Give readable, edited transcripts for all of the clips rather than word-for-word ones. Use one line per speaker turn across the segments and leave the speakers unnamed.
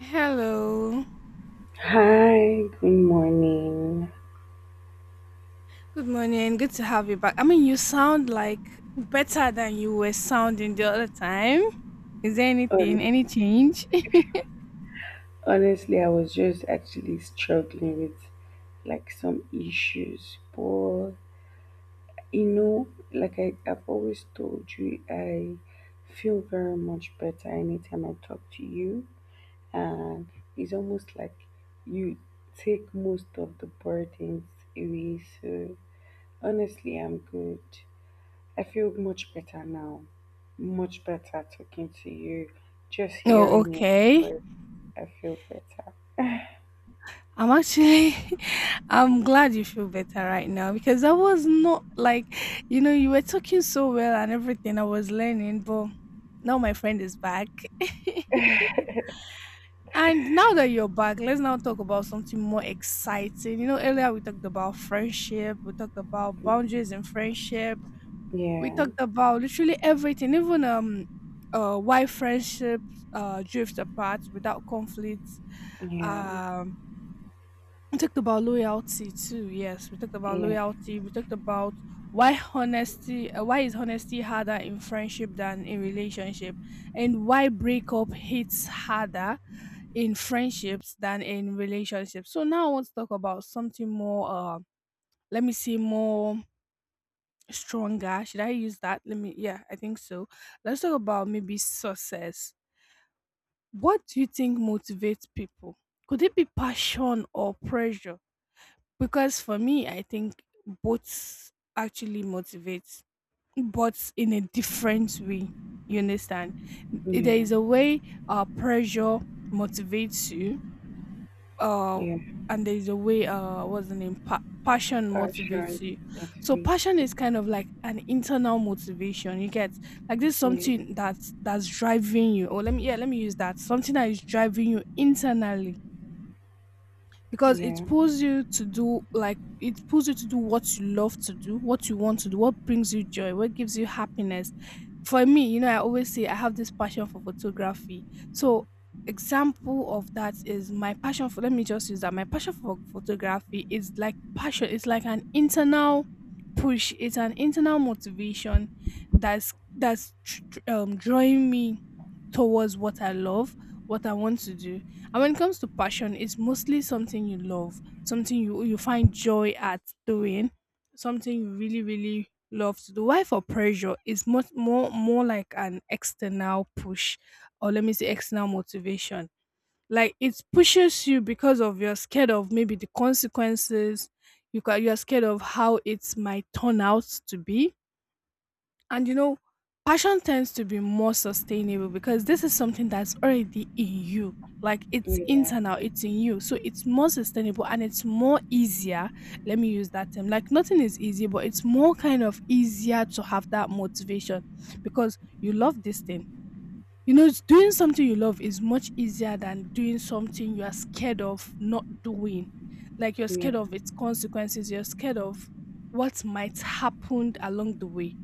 Hello.
Hi, good morning.
Good morning. Good to have you back. I mean, you sound like better than you were sounding the other time. Is there anything,
Hon-
any change?
Honestly, I was just actually struggling with like some issues, but you know, like I've always told you, I feel very much better anytime I talk to you, and it's almost like you take most of the burdens away. So, honestly, I'm good. I feel much better now. Much better talking to you. Just
Oh,
hearing your
okay.
voice, I feel better.
I'm actually, I'm glad you feel better right now because I was not like, you were talking so well and everything I was learning, but now my friend is back. And now that you're back, let's now talk about something more exciting. Earlier we talked about friendship, we talked about boundaries in friendship. We
Yeah,
talked about literally everything, even why friendships drift apart without conflicts.
yeah,
Um, we talked about loyalty too. Yes, we talked about
yeah,
loyalty. We talked about why honesty. Why is honesty harder in friendship than in relationship, and why breakup hits harder in friendships than in relationships. So now I want to talk about something more. Let me see more stronger. Should I use that? Let me, yeah, I think so. Let's talk about maybe success. What do you think motivates people? Could it be passion or pressure? Because for me, I think both actually motivates, but in a different way. You understand? There
yeah,
is a way pressure motivates you, uh
yeah.
and there's a way what's the name passion motivates you.
Passion
So
motivates
passion
you.
is kind of like an internal motivation you get, like this is
Yeah,
something that's driving you or let me use that, something that is driving you internally because
yeah,
it pulls you to do, what you love to do, what you want to do, what brings you joy, what gives you happiness. For me, I always say I have this passion for photography. So example of that is my passion for let me just use that my passion for photography is like passion, it's like an internal push, it's an internal motivation that's drawing me towards what I love, what I want to do. And when it comes to passion, it's mostly something you love, something you find joy at doing, something you really really love to do. Why for pressure is much more like an external push, or let me say external motivation. Like it pushes you because of, you're scared of maybe the consequences. You are scared of how it might turn out to be, and passion tends to be more sustainable because this is something that's already in you. Like it's
yeah,
internal, it's in you. So it's more sustainable and it's more easier. Let me use that term. Like nothing is easy, but it's more kind of easier to have that motivation because you love this thing. It's doing something you love is much easier than doing something you are scared of not doing. Like you're
yeah,
scared of its consequences, you're scared of what might happen along the way,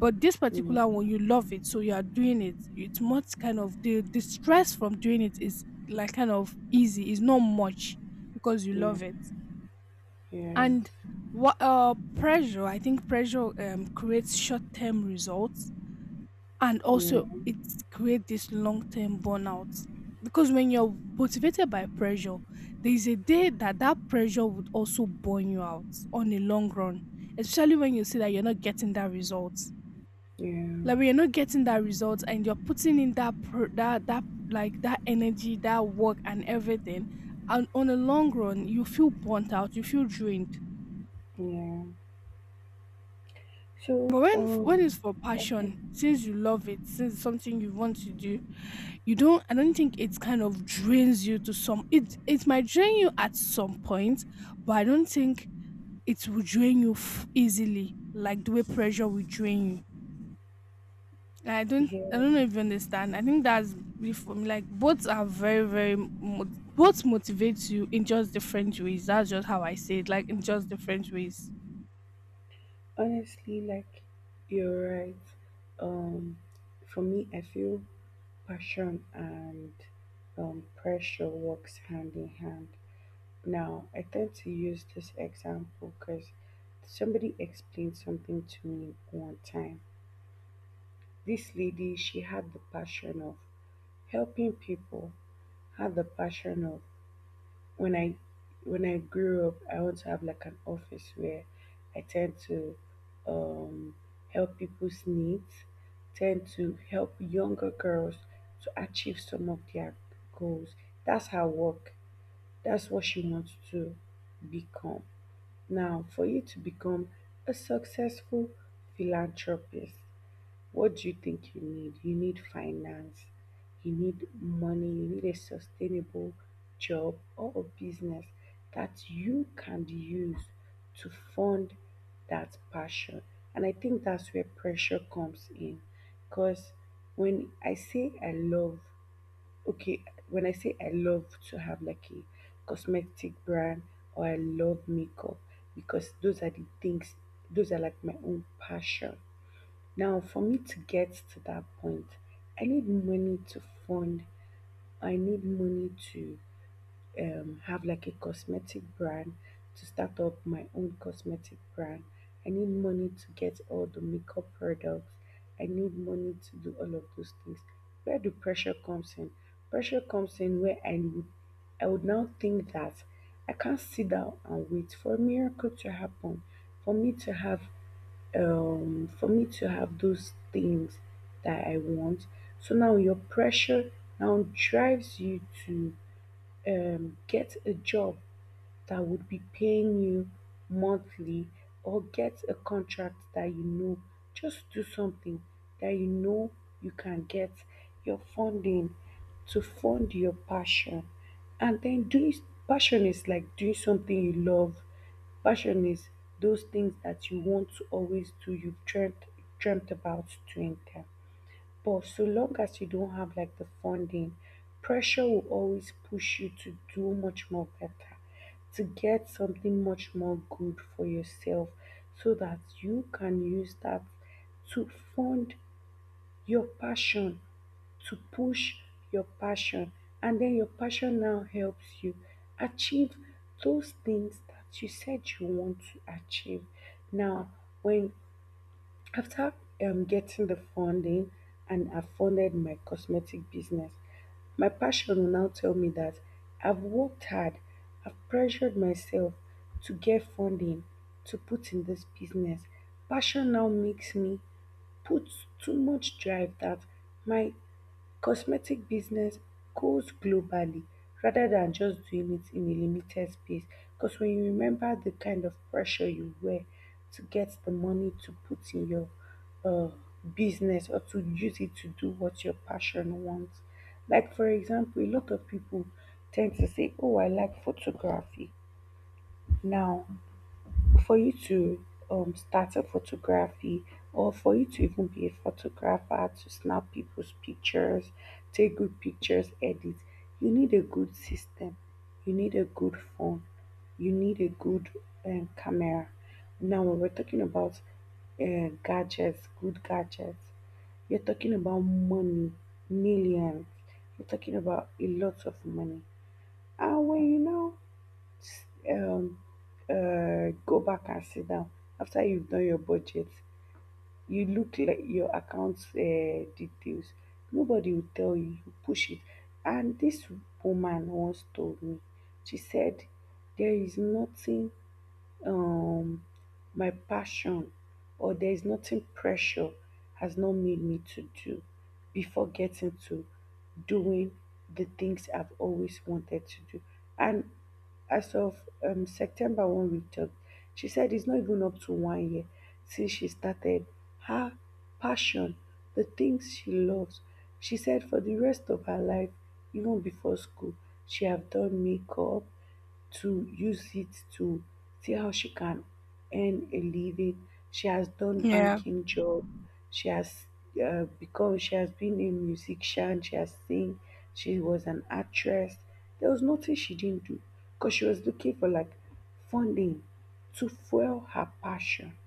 but this
yeah,
particular one, you love it, so you are doing it. It's much kind of, the stress from doing it is like kind of easy, it's not much because you
yeah,
love it.
yes,
And what pressure, I think pressure creates short term results, and
yeah,
also it creates this long term burnout. Because when you're motivated by pressure, there is a day that that pressure would also burn you out on the long run, especially when you see that you're not getting that result,
yeah,
like when you're not getting that result and you're putting in that pro- that that like that energy, that work and everything, and on the long run you feel burnt out, you feel drained.
yeah. So,
But when it's for
okay,
passion, since you love it, since it's something you want to do, you don't I don't think it kind of drains you. To some, it might drain you at some point, but I don't think it will drain you easily like the way pressure will drain you. I don't I
yeah.
don't know if you understand. I think that's it for me. Like both are very very both motivates you in just different ways. That's just how I say it. Like in just different ways.
Honestly, like you're right. Um, for me, I feel passion and pressure works hand in hand. Now, I tend to use this example because somebody explained something to me one time. This lady, she had the passion of helping people, had the passion of when I when I grew up, I want to have like an office where I tend to um, help people's needs, tend to help younger girls to achieve some of their goals. That's her work. That's what she wants to become. Now, for you to become a successful philanthropist, what do you think you need? You need finance, you need money, you need a sustainable job or a business that you can use to fund that passion. And I think that's where pressure comes in. Because when I say I love, okay, when I say I love to have like a cosmetic brand or I love makeup, because those are the things, those are like my own passion now, for me to get to that point, I need money to fund. I need money to have like a cosmetic brand, to start up my own cosmetic brand. I need money to get all the makeup products. I need money to do all of those things. Where do pressure comes in? Pressure comes in where I would now think that I can't sit down and wait for a miracle to happen, for me to have those things that I want. So now your pressure now drives you to get a job that would be paying you monthly or get a contract that you know, just do something that you know you can get your funding to fund your passion. And then doing passion is like doing something you love. Passion is those things that you want to always do, you've dreamt about doing them, but so long as you don't have like the funding, pressure will always push you to do much more better, to get something much more good for yourself so that you can use that to fund your passion, to push your passion. And then your passion now helps you achieve those things that you said you want to achieve. Now, when after getting the funding and I funded my cosmetic business, my passion will now tell me that I've worked hard, I've pressured myself to get funding to put in this business. Passion now makes me put too much drive that my cosmetic business goes globally rather than just doing it in a limited space, because when you remember the kind of pressure you were to get the money to put in your uh, business or to use it to do what your passion wants. Like for example, a lot of people tend to say, "Oh, I like photography." Now, for you to start a photography or for you to even be a photographer to snap people's pictures, take good pictures, edit, you need a good system, you need a good phone, you need a good camera. Now when we're talking about gadgets, good gadgets, you're talking about money, millions, you're talking about a lot of money. And when you know um go back and sit down after you've done your budget. You look like your account details. Nobody will tell you. You push it. And this woman once told me, she said, there is nothing um my passion, or there is nothing pressure has not made me to do before getting to doing the things I've always wanted to do. And as of September, when we talked, she said it's not even up to 1 year since she started her passion, the things she loves. She said for the rest of her life, even before school, she have done makeup to use it to see how she can earn a living. She has done
Yeah.
banking job. She has become. She has been a musician. She has sing. She was an actress. There was nothing she didn't do because she was looking for like funding to fuel her passion.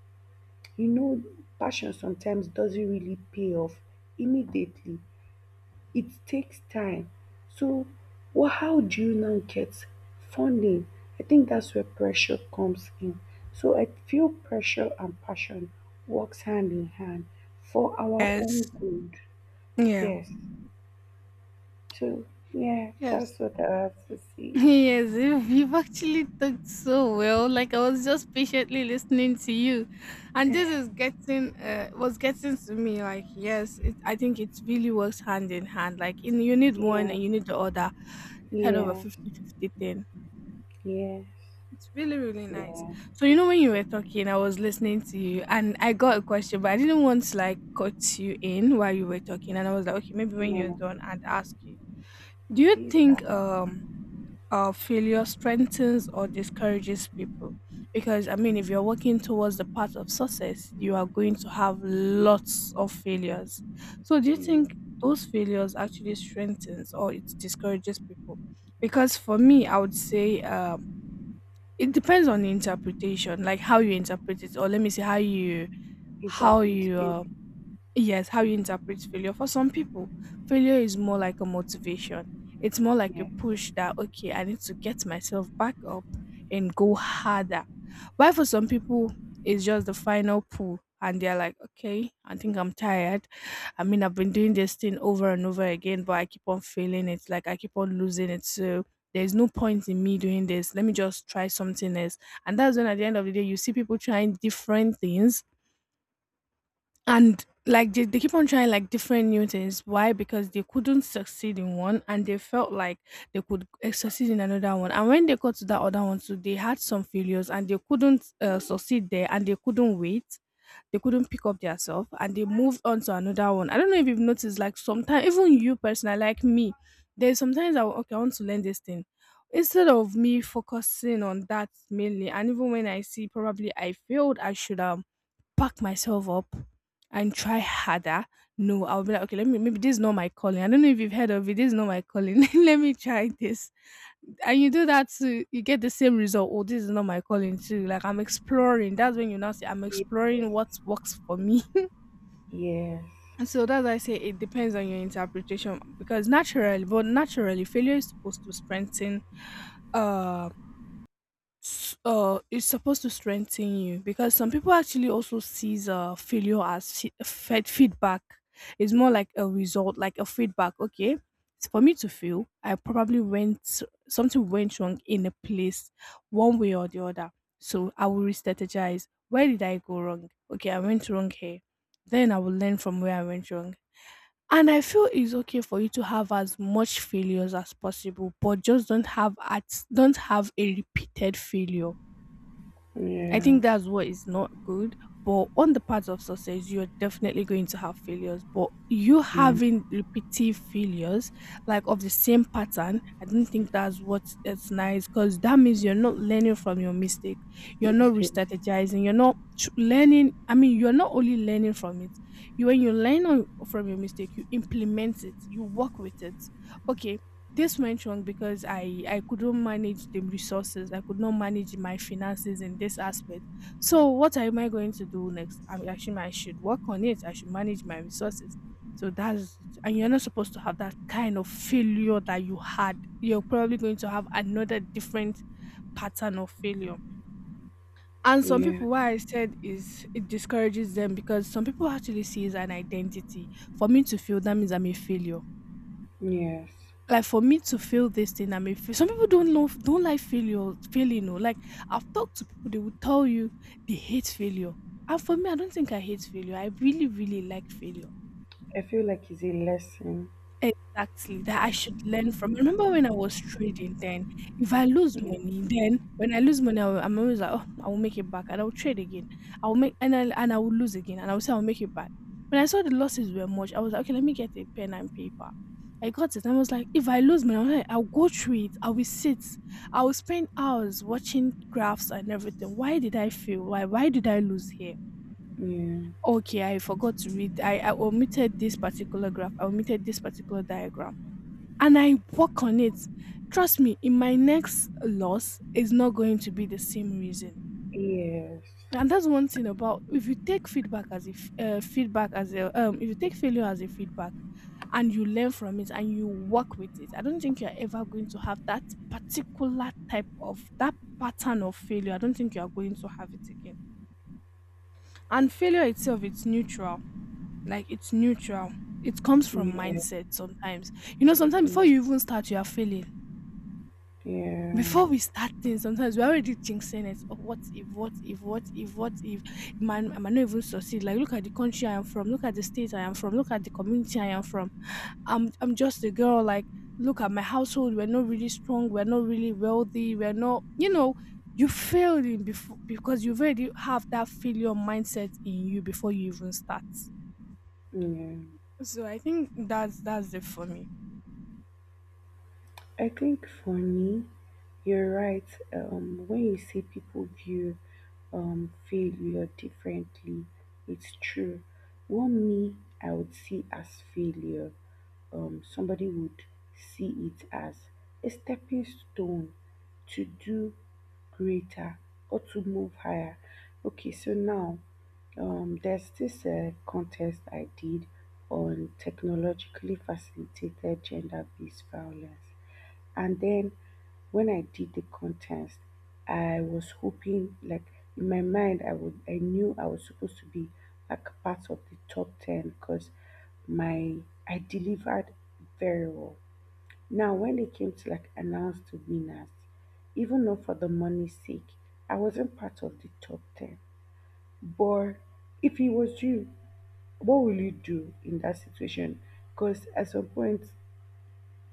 You know, passion sometimes doesn't really pay off immediately, it takes time. So, well, how do you now get funding? I think that's where pressure comes in. So I feel pressure and passion works hand in hand for our own
Yes.
good.
Yeah.
Yes. So yeah,
Yes.
that's what I have to say.
Yes, you've actually talked so well. Like I was just patiently listening to you, and this is getting was getting to me. Like yes, I think it really works hand in hand. Like in you need one
Yeah.
and you need the other, kind of a
Yeah.
50-50 thing.
Yes.
It's really, really nice.
Yeah.
So when you were talking, I was listening to you and I got a question, but I didn't want to like cut you in while you were talking. And I was like, okay, maybe when you're
Yeah.
done, I'd ask you. Do you
Please,
think failure strengthens or discourages people? Because I mean, if you're working towards the path of success, you are going to have lots of failures. So do you
you know,
think those failures actually strengthens or it discourages people? Because for me, I would say it depends on the interpretation, like how you interpret it, or let me say how
interpret
you
it.
yes, how you interpret failure. For some people, failure is more like a motivation. It's more like a
Yeah.
push that, okay, I need to get myself back up and go harder. While for some people, it's just the final pull. And they're like, okay, I think I'm tired. I mean, I've been doing this thing over and over again, but I keep on failing it, like I keep on losing it. So there's no point in me doing this. Let me just try something else. And that's when at the end of the day, you see people trying different things, and like they keep on trying like different new things, why? Because they couldn't succeed in one and they felt like they could succeed in another one, and when they got to that other one too they had some failures and they couldn't succeed there, and they couldn't pick up themselves and they moved on to another one. I don't know if you've noticed, like sometimes, even you personally, like me, there's sometimes I okay, I want to learn this thing. Instead of me focusing on that mainly, and even when I see probably I failed I should have pack myself up and try harder. No, I'll be like, okay, let me, maybe this is not my calling. I don't know if you've heard of it. This is not my calling. Let me try this. And you do that too, you get the same result. Oh, this is not my calling too. Like I'm exploring. That's when you now say I'm
Ye-
exploring what works for me.
Yes.
And so that's why I say it depends on your interpretation, because naturally, failure is supposed to strengthen um it's supposed to strengthen you because some people actually also sees failure as fe- fed feedback. It's more like a result, like a feedback. Okay, it's for me to feel, I probably went something went wrong in a place, one way or the other, so I will re-strategize. Where did I go wrong? Okay, I went wrong here, then I will learn from where I went wrong. And I feel it's okay for you to have as much failures as possible, but just don't have a repeated failure. I
Yeah.
think that's what is not good. But on the path of success, you're definitely going to have failures. But you
Yeah.
having repetitive failures, like of the same pattern, I don't think that's what it's nice, because that means you're not learning from your mistake. You're not re
Mistakes.
strategizing. You're not learning. I mean, you're not only learning from it. When you learn from your mistake, you implement it, you work with it. Okay, this went wrong because I couldn't manage the resources. I could not manage my finances in this aspect. So what am I going to do next? I mean, actually, I should work on it. I should manage my resources. So that's it. And you're not supposed to have that kind of failure that you had. You're probably going to have another different pattern of failure. And some
Yeah.
people, what I said is it discourages them, because some people actually see it as an identity. For me to feel that means I'm a failure,
Yes.
like for me to feel this thing I'm a fail. Some people don't like failure, failing. No, like I've talked to people, they will tell you they hate failure. And for me, I don't think I hate failure, I really really like failure.
I feel like it's a lesson.
Exactly, that I should learn from. I remember when I was trading, then if I lose
Yeah.
money, then when I lose money, I will, I'm always like, oh, I will make it back and I'll trade again. I will lose again and I will say I'll make it back. When I saw the losses were much, I was like, okay, let me get a pen and paper. I got it and I was like, if I lose money, I'm like, I'll go through it. I will sit. I will spend hours watching graphs and everything. Why did I feel? Why? Why did I lose here? Okay, I forgot to read. I omitted this particular graph. I omitted this particular diagram and I work on it. Trust me, in my next loss it's not going to be the same reason.
Yes.
And that's one thing about if you take feedback as if feedback as a if you take failure as a feedback and you learn from it and you work with it, I don't think you're ever going to have that pattern of failure. I don't think you are going to have it again. And failure itself, it's neutral. Like it's neutral. It comes from
Yeah.
mindset sometimes. Sometimes before
Yeah.
you even start, you are failing.
Yeah.
Before we start things, sometimes we're already jinxing it. Oh, what if? Man, I might not even succeed. Like, look at the country I am from. Look at the state I am from. Look at the community I am from. I'm just a girl. Like, look at my household. We're not really strong. We're not really wealthy. We're not, you know, you failed in before because you've already have that failure mindset in you before you even start.
Yeah.
So I think that's it for me.
I think for me, you're right. When you see people view failure differently, it's true. What me I would see as failure, somebody would see it as a stepping stone to do greater or to move higher. Okay, so now there's this contest I did on technologically facilitated gender based violence. And then when I did the contest, I was hoping, like in my mind, I would, I knew I was supposed to be like part of the top 10 because my I delivered very well. Now, when they came to like announce the winners, even though for the money's sake, I wasn't part of the top 10. But if it was you, what will you do in that situation? Because at some point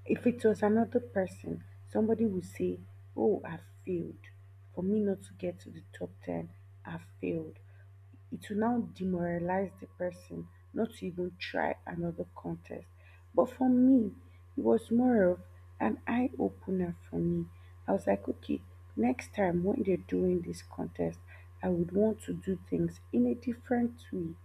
if it was another person, somebody would say, "Oh, I failed. For me not to get to the top 10, I failed." It will now demoralize the person not to even try another contest. But for me, it was more of an eye opener for me. I was like, okay, next time when they're doing this contest, I would want to do things in a different way.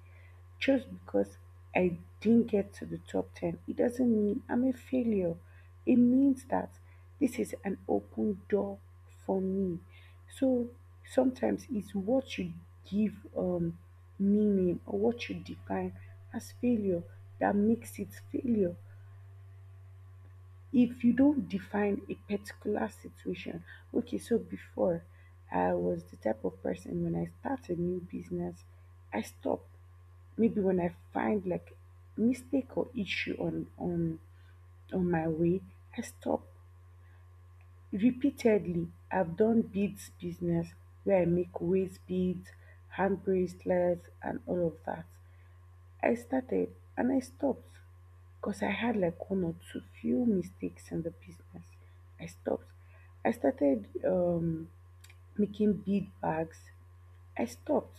Just because I didn't get to the top 10, it doesn't mean I'm a failure. It means that this is an open door for me. So sometimes it's what you give meaning or what you define as failure that makes it failure. If you don't define a particular situation, okay, so before I was the type of person when I start a new business, I stop maybe when I find like mistake or issue on my way, I stop. Repeatedly, I've done beads business where I make waist beads, hand bracelets, and all of that. I started and I stopped because I had like one or two few mistakes in the business. I stopped. I started making bead bags. I stopped,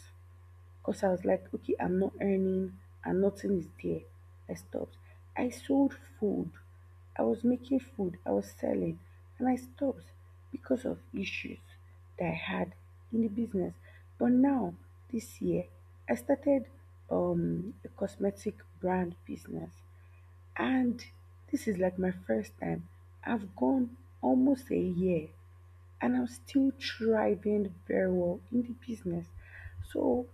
because I was like, okay, I'm not earning and nothing is there. I stopped. I sold food. I was making food. I was selling. And I stopped because of issues that I had in the business. But now, this year, I started a cosmetic brand business. And this is like my first time. I've gone almost a year and I'm still thriving very well in the business. So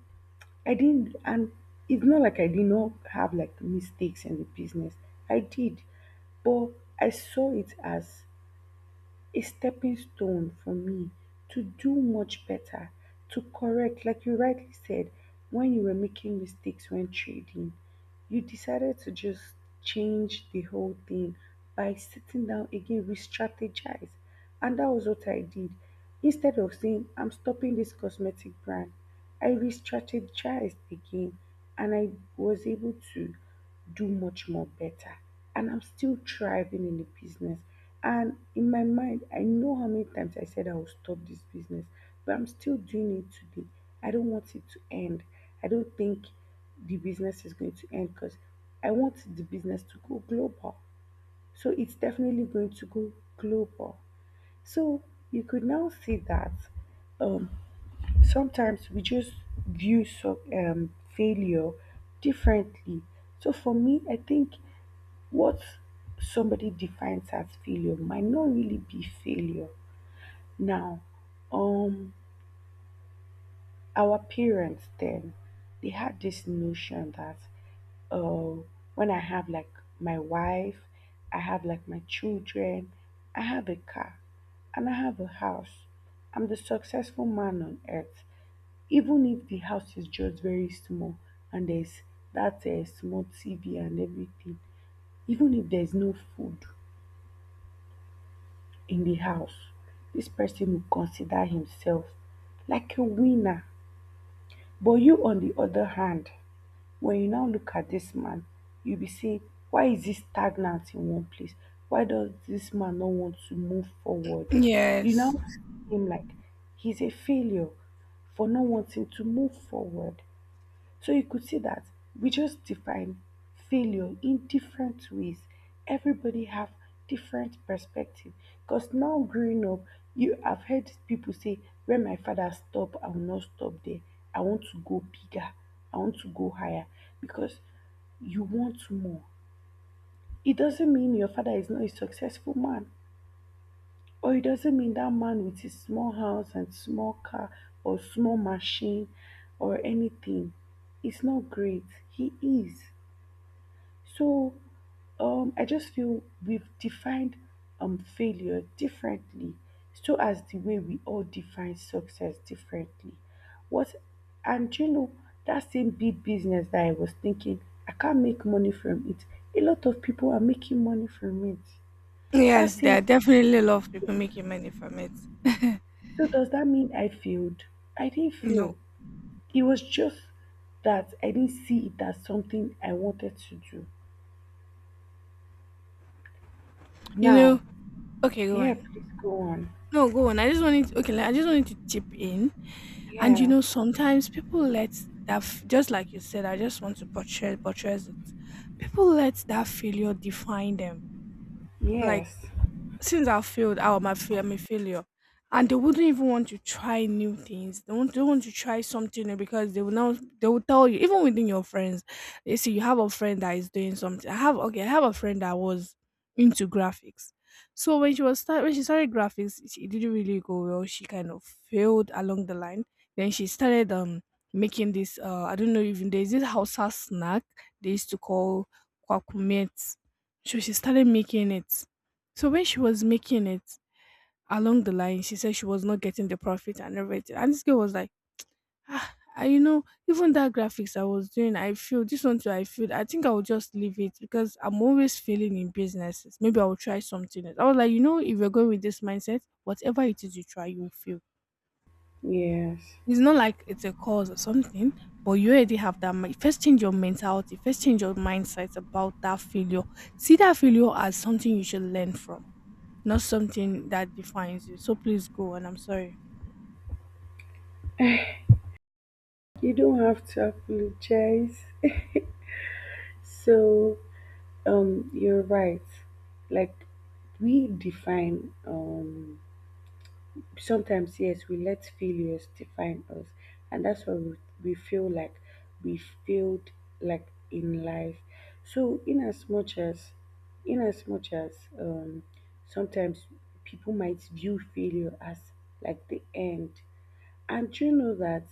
I didn't, and it's not like I did not have like mistakes in the business. I did, but I saw it as a stepping stone for me to do much better, to correct. Like you rightly said, when you were making mistakes when trading, you decided to just change the whole thing by sitting down again, re strategize. And that was what I did. Instead of saying, I'm stopping this cosmetic brand, I re strategized again and I was able to do much more better. And I'm still thriving in the business. And in my mind, I know how many times I said I will stop this business, but I'm still doing it today. I don't want it to end. I don't think the business is going to end because I want the business to go global. So it's definitely going to go global. So you could now see that um, sometimes we just view so, failure differently. So for me, I think what somebody defines as failure might not really be failure. Now, um, our parents then they had this notion that uh, when I have like my wife, I have like my children, I have a car, and I have a house. I'm the successful man on earth, even if the house is just very small and there's that small TV and everything, even if there's no food in the house, this person will consider himself like a winner. But you, on the other hand, when you now look at this man, you'll be saying, why is he stagnant in one place? Why does this man not want to move forward? You
Yes.
now see him like he's a failure for not wanting to move forward. So you could see that we just define failure in different ways. Everybody have different perspective. Because now growing up, you have heard people say, "When my father stop, I will not stop there. I want to go bigger. I want to go higher." Because you want more. It doesn't mean your father is not a successful man. But it doesn't mean that man with his small house and small car or small machine or anything is not great. He is. So I just feel we've defined failure differently, so as the way we all define success differently. What and you know that same big business that I was thinking I can't make money from it. A lot of people are making money from it. That
Yes, there are
same
definitely a lot of people making money from it.
so does that mean I failed? I didn't
No.
fail. It was just that I didn't see it as something I wanted to do.
You
Now,
know, okay, go
yeah,
on.
please go on.
No, go on. I just wanted to chip in. And you
Yeah,
know, sometimes people let just like you said, I just want to portray portray it. People let that failure define them. Like
yes,
since I failed, I'm a failure. And they wouldn't even want to try new things. They won't, they want to try something new because they will now they will tell you, even within your friends, they see you have a friend that is doing something. I have okay, I have a friend that was into graphics. So when she was start when she started graphics, it didn't really go well. She kind of failed along the line. Then she started making this I don't know even there's this Hausa snack they used to call kwakumets. So she started making it, so when she was making it along the line, she said she was not getting the profit and everything. And this girl was like, ah, you know, even that graphics I was doing, I feel this one too. I think I will just leave it because I'm always failing in businesses. Maybe I will try something else. I was like, you know, if you're going with this mindset, whatever it is you try, you will fail.
yes.
It's not like it's a cause or something, but you already have that. First, change your mentality. First, change your mindset about that failure. See that failure as something you should learn from, not something that defines you. So please go and I'm sorry.
You don't have to apologize. So, you're right. Like we define sometimes yes we let failures define us, and that's why we feel like we failed, like in life. So in as much as in as much as sometimes people might view failure as like the end. And you know that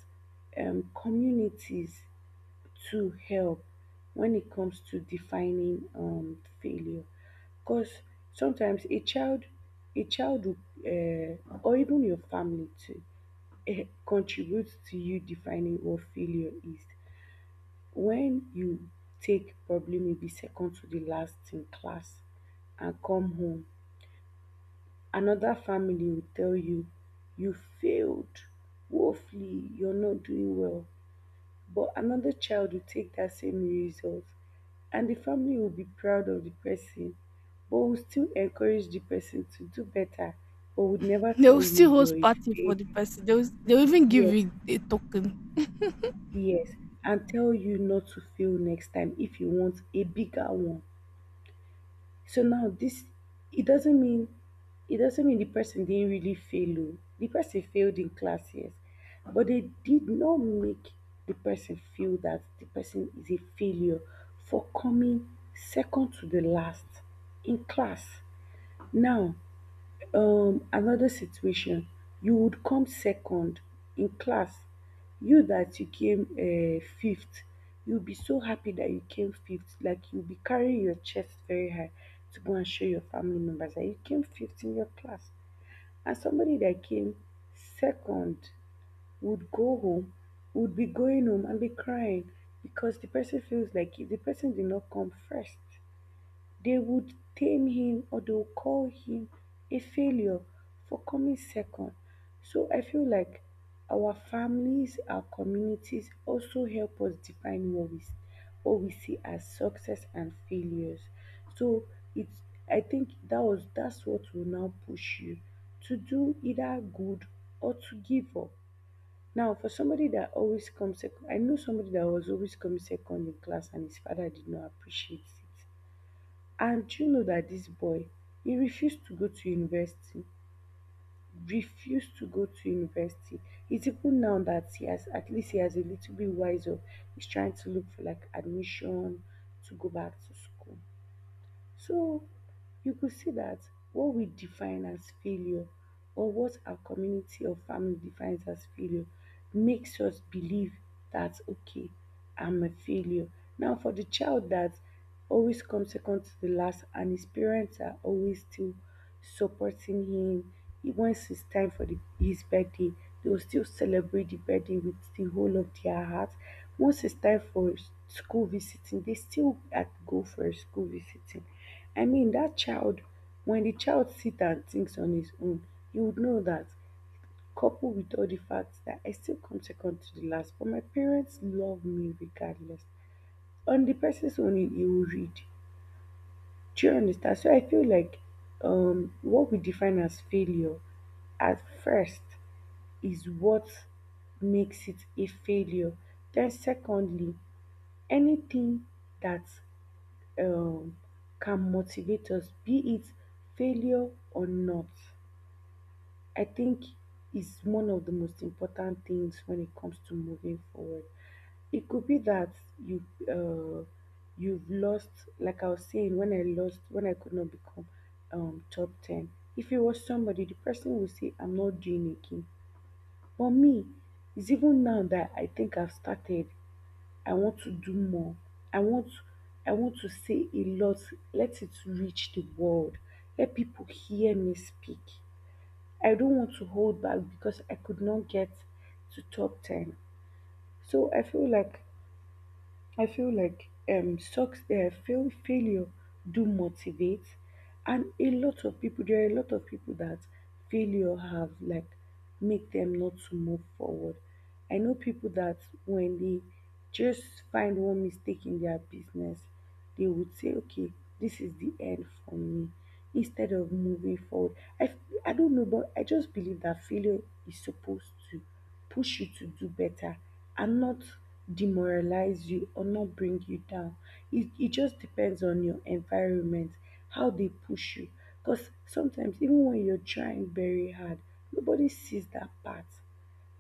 communities to help when it comes to defining failure, because sometimes a child will, or even your family too, contributes to you defining what failure is. When you take probably maybe second to the last in class and come home, another family will tell you you failed woefully, you're not doing well. But another child will take that same result and the family will be proud of the person, but will still encourage the person to do better, but would never
They
tell
will
you
still
you're
host
a
party for the
fail.
person. They'll even give
Yes,
you a token.
yes. And tell you not to fail next time if you want a bigger one. So now this, it doesn't mean it doesn't mean the person didn't really fail. Oh. The person failed in class, yes. But they did not make the person feel that the person is a failure for coming second to the last in class. Now, another situation, you would come second in class. You that you came fifth, you'll be so happy that you came fifth. Like you'll be carrying your chest very high to go and show your family members that you came fifth in your class. And somebody that came second would go home, would be going home and be crying because the person feels like the person did not come first. They would tame him or they'll call him a failure for coming second. So I feel like our families, our communities also help us define what we see as success and failures. So it's I think that was that's what will now push you to do either good or to give up. Now, for somebody that always comes second, I know somebody that was always coming second in class and his father did not appreciate it. And do you know dat dis boy, he refuse to go to university, refuse to go to university. It's even now that he has at least he has a little bit wise up, he's trying to look for like admission to go back to school. So you could see that what we define as failure or what our community or family defines as failure makes us believe that, okay, I'm a failure. Now, for the child that always comes second to the last and his parents are always still supporting him, he wants it's time for the, his birthday, they will still celebrate the birthday with the whole of their heart. Once it's time for school visiting, they still go for a school visiting. I mean that child, when the child sits and thinks on his own, you would know that, coupled with all the facts that I still come second to the last, but my parents love me regardless. On the person's own, you will read. Do you understand? So I feel like what we define as failure at first is what makes it a failure. Then, secondly, anything that um can motivate us, be it failure or not, I think is one of the most important things when it comes to moving forward. It could be that you uh, you've lost, like I was saying, when I lost, when I could not become top ten. If it was somebody, the person will say, "I'm not doing again." But me, it's even now that I think I've started. I want to do more. I want I want to say a lot. Let it reach the world. Let people hear me speak. I don't want to hold back because I could not get to top 10. So I feel like sucks. Success, fail, failure do motivate, and a lot of people there are a lot of people that failure have like make them not to move forward. I know people that when they just find one mistake in their business, they would say, "Okay, this is the end for me," instead of moving forward. I don't know, but I just believe that failure is supposed to push you to do better and not demoralize you or not bring you down. It just depends on your environment, how they push you. Because sometimes, even when you're trying very hard, nobody sees that part.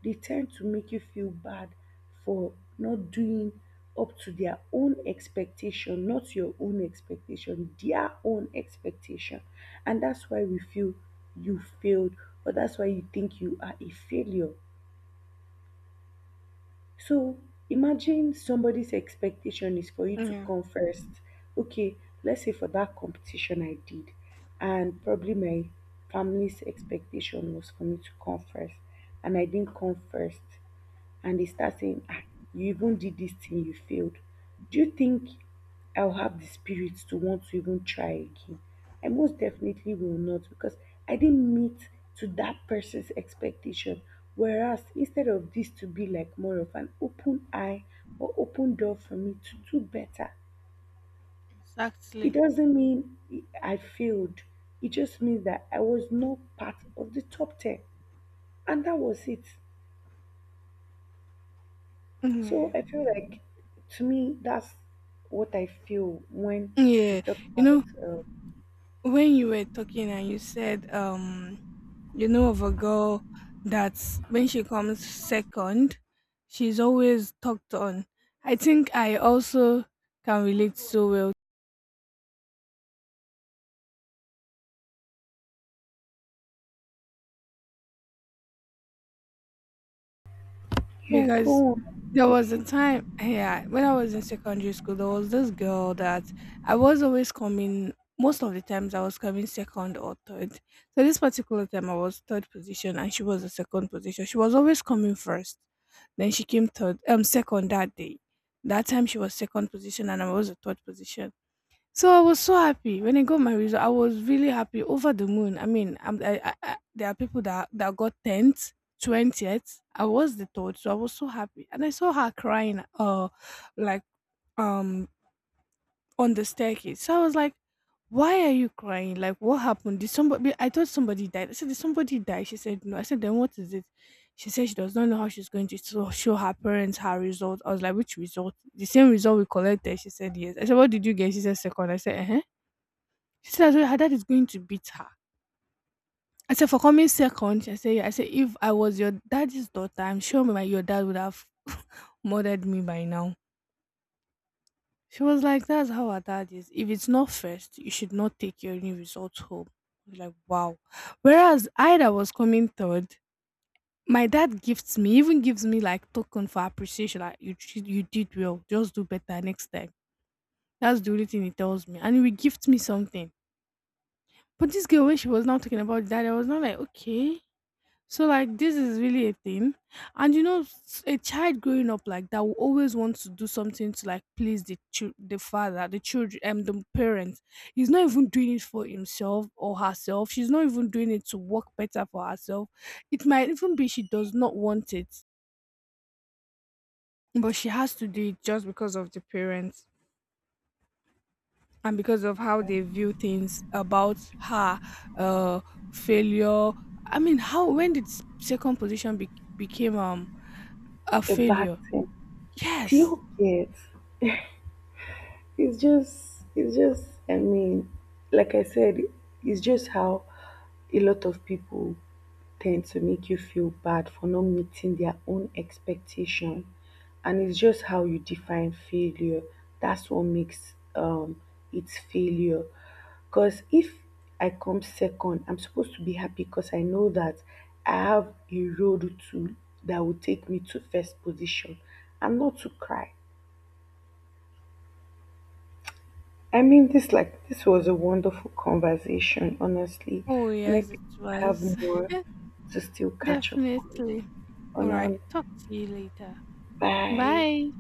They tend to make you feel bad for not doing up to their own expectation, not your own expectation, their own expectation. And that's why we feel you failed, or that's why you think you are a failure. So imagine somebody's expectation is for you to
Yeah,
come first. Okay, let's say for that competition I did, and probably my family's expectation was for me to come first, and I didn't come first and they start saying, ah, you even did this thing, you failed. Do you think I'll have the spirit to want to even try again? I most definitely will not because I didn't meet to that person's expectation. Whereas instead of this to be like more of an open eye or open door for me to do better, it
exactly.
doesn't mean I failed. It just means that I was not part of the top 10. And that was it. So
Yeah.
I feel like to me that's what I feel when we
Yeah.
talk
You
about
know, when you were talking and you said you know of a girl, that's when she comes second, she's always talked on. I think I also can relate so well
yeah,
because
go on.
there was a
Okay.
time, yeah, when I was in secondary school, there was this girl that I was always coming, most of the times I was coming second or third. So this particular time I was third position and she was the second position. She was always coming first. Then she came third second that day. That time she was second position and I was the third position. So I was so happy when I got my result. I was really happy, over the moon. I mean, I'm, I, there are people that got tenth, 20th. I was the third, so I was so happy. And I saw her crying, like um on the staircase. So I was like, "Why are you crying? Like, what happened? Did somebody? I thought somebody died. I said, did somebody die?" She said, "No." I said, "Then what is it?" She said she does not know how she's going to show her parents her result. I was like, "Which result? The same result we collected?" She said, "Yes." I said, "What did you get?" She said, "Second." I said, "Uh huh." She said that her dad is going to beat her. I said, for coming second? I said, yeah. I said, if I was your daddy's daughter, I'm sure my your dad would have murdered me by now. She was like, that's how our dad is. If it's not first, you should not take your new results home. I was like, wow. Whereas I that was coming third, my dad gifts me, even gives me like token for appreciation. Like you did well. Just do better next time. That's the only thing he tells me, and he will gift me something. But this girl, when she was now talking about dad, I was not like, okay. So like this is really a thing, and you know, a child growing up like that will always want to do something to like please the father, the children, the parents. He's not even doing it for himself or herself. She's not even doing it to work better for herself. It might even be she does not want it, but she has to do it just because of the parents and because of how they view things about her, uh, failure. I mean, how when did became a
A bad
failure?
thing. Do
Yes.
you get? It's just I mean, like I said, it's just how a lot of people tend to make you feel bad for not meeting their own expectation, and it's just how you define failure, that's what makes it's failure. Because if I come second I'm supposed to be happy because I know that I have a road to that will take me to first position, and not to cry. I mean, this like this was a wonderful conversation, honestly,
Oh,
and I
yes,
think
it
we have
was.
more to still catch up on.
Definitely.
On
All
our
right. Talk to you later.
bye.
Bye.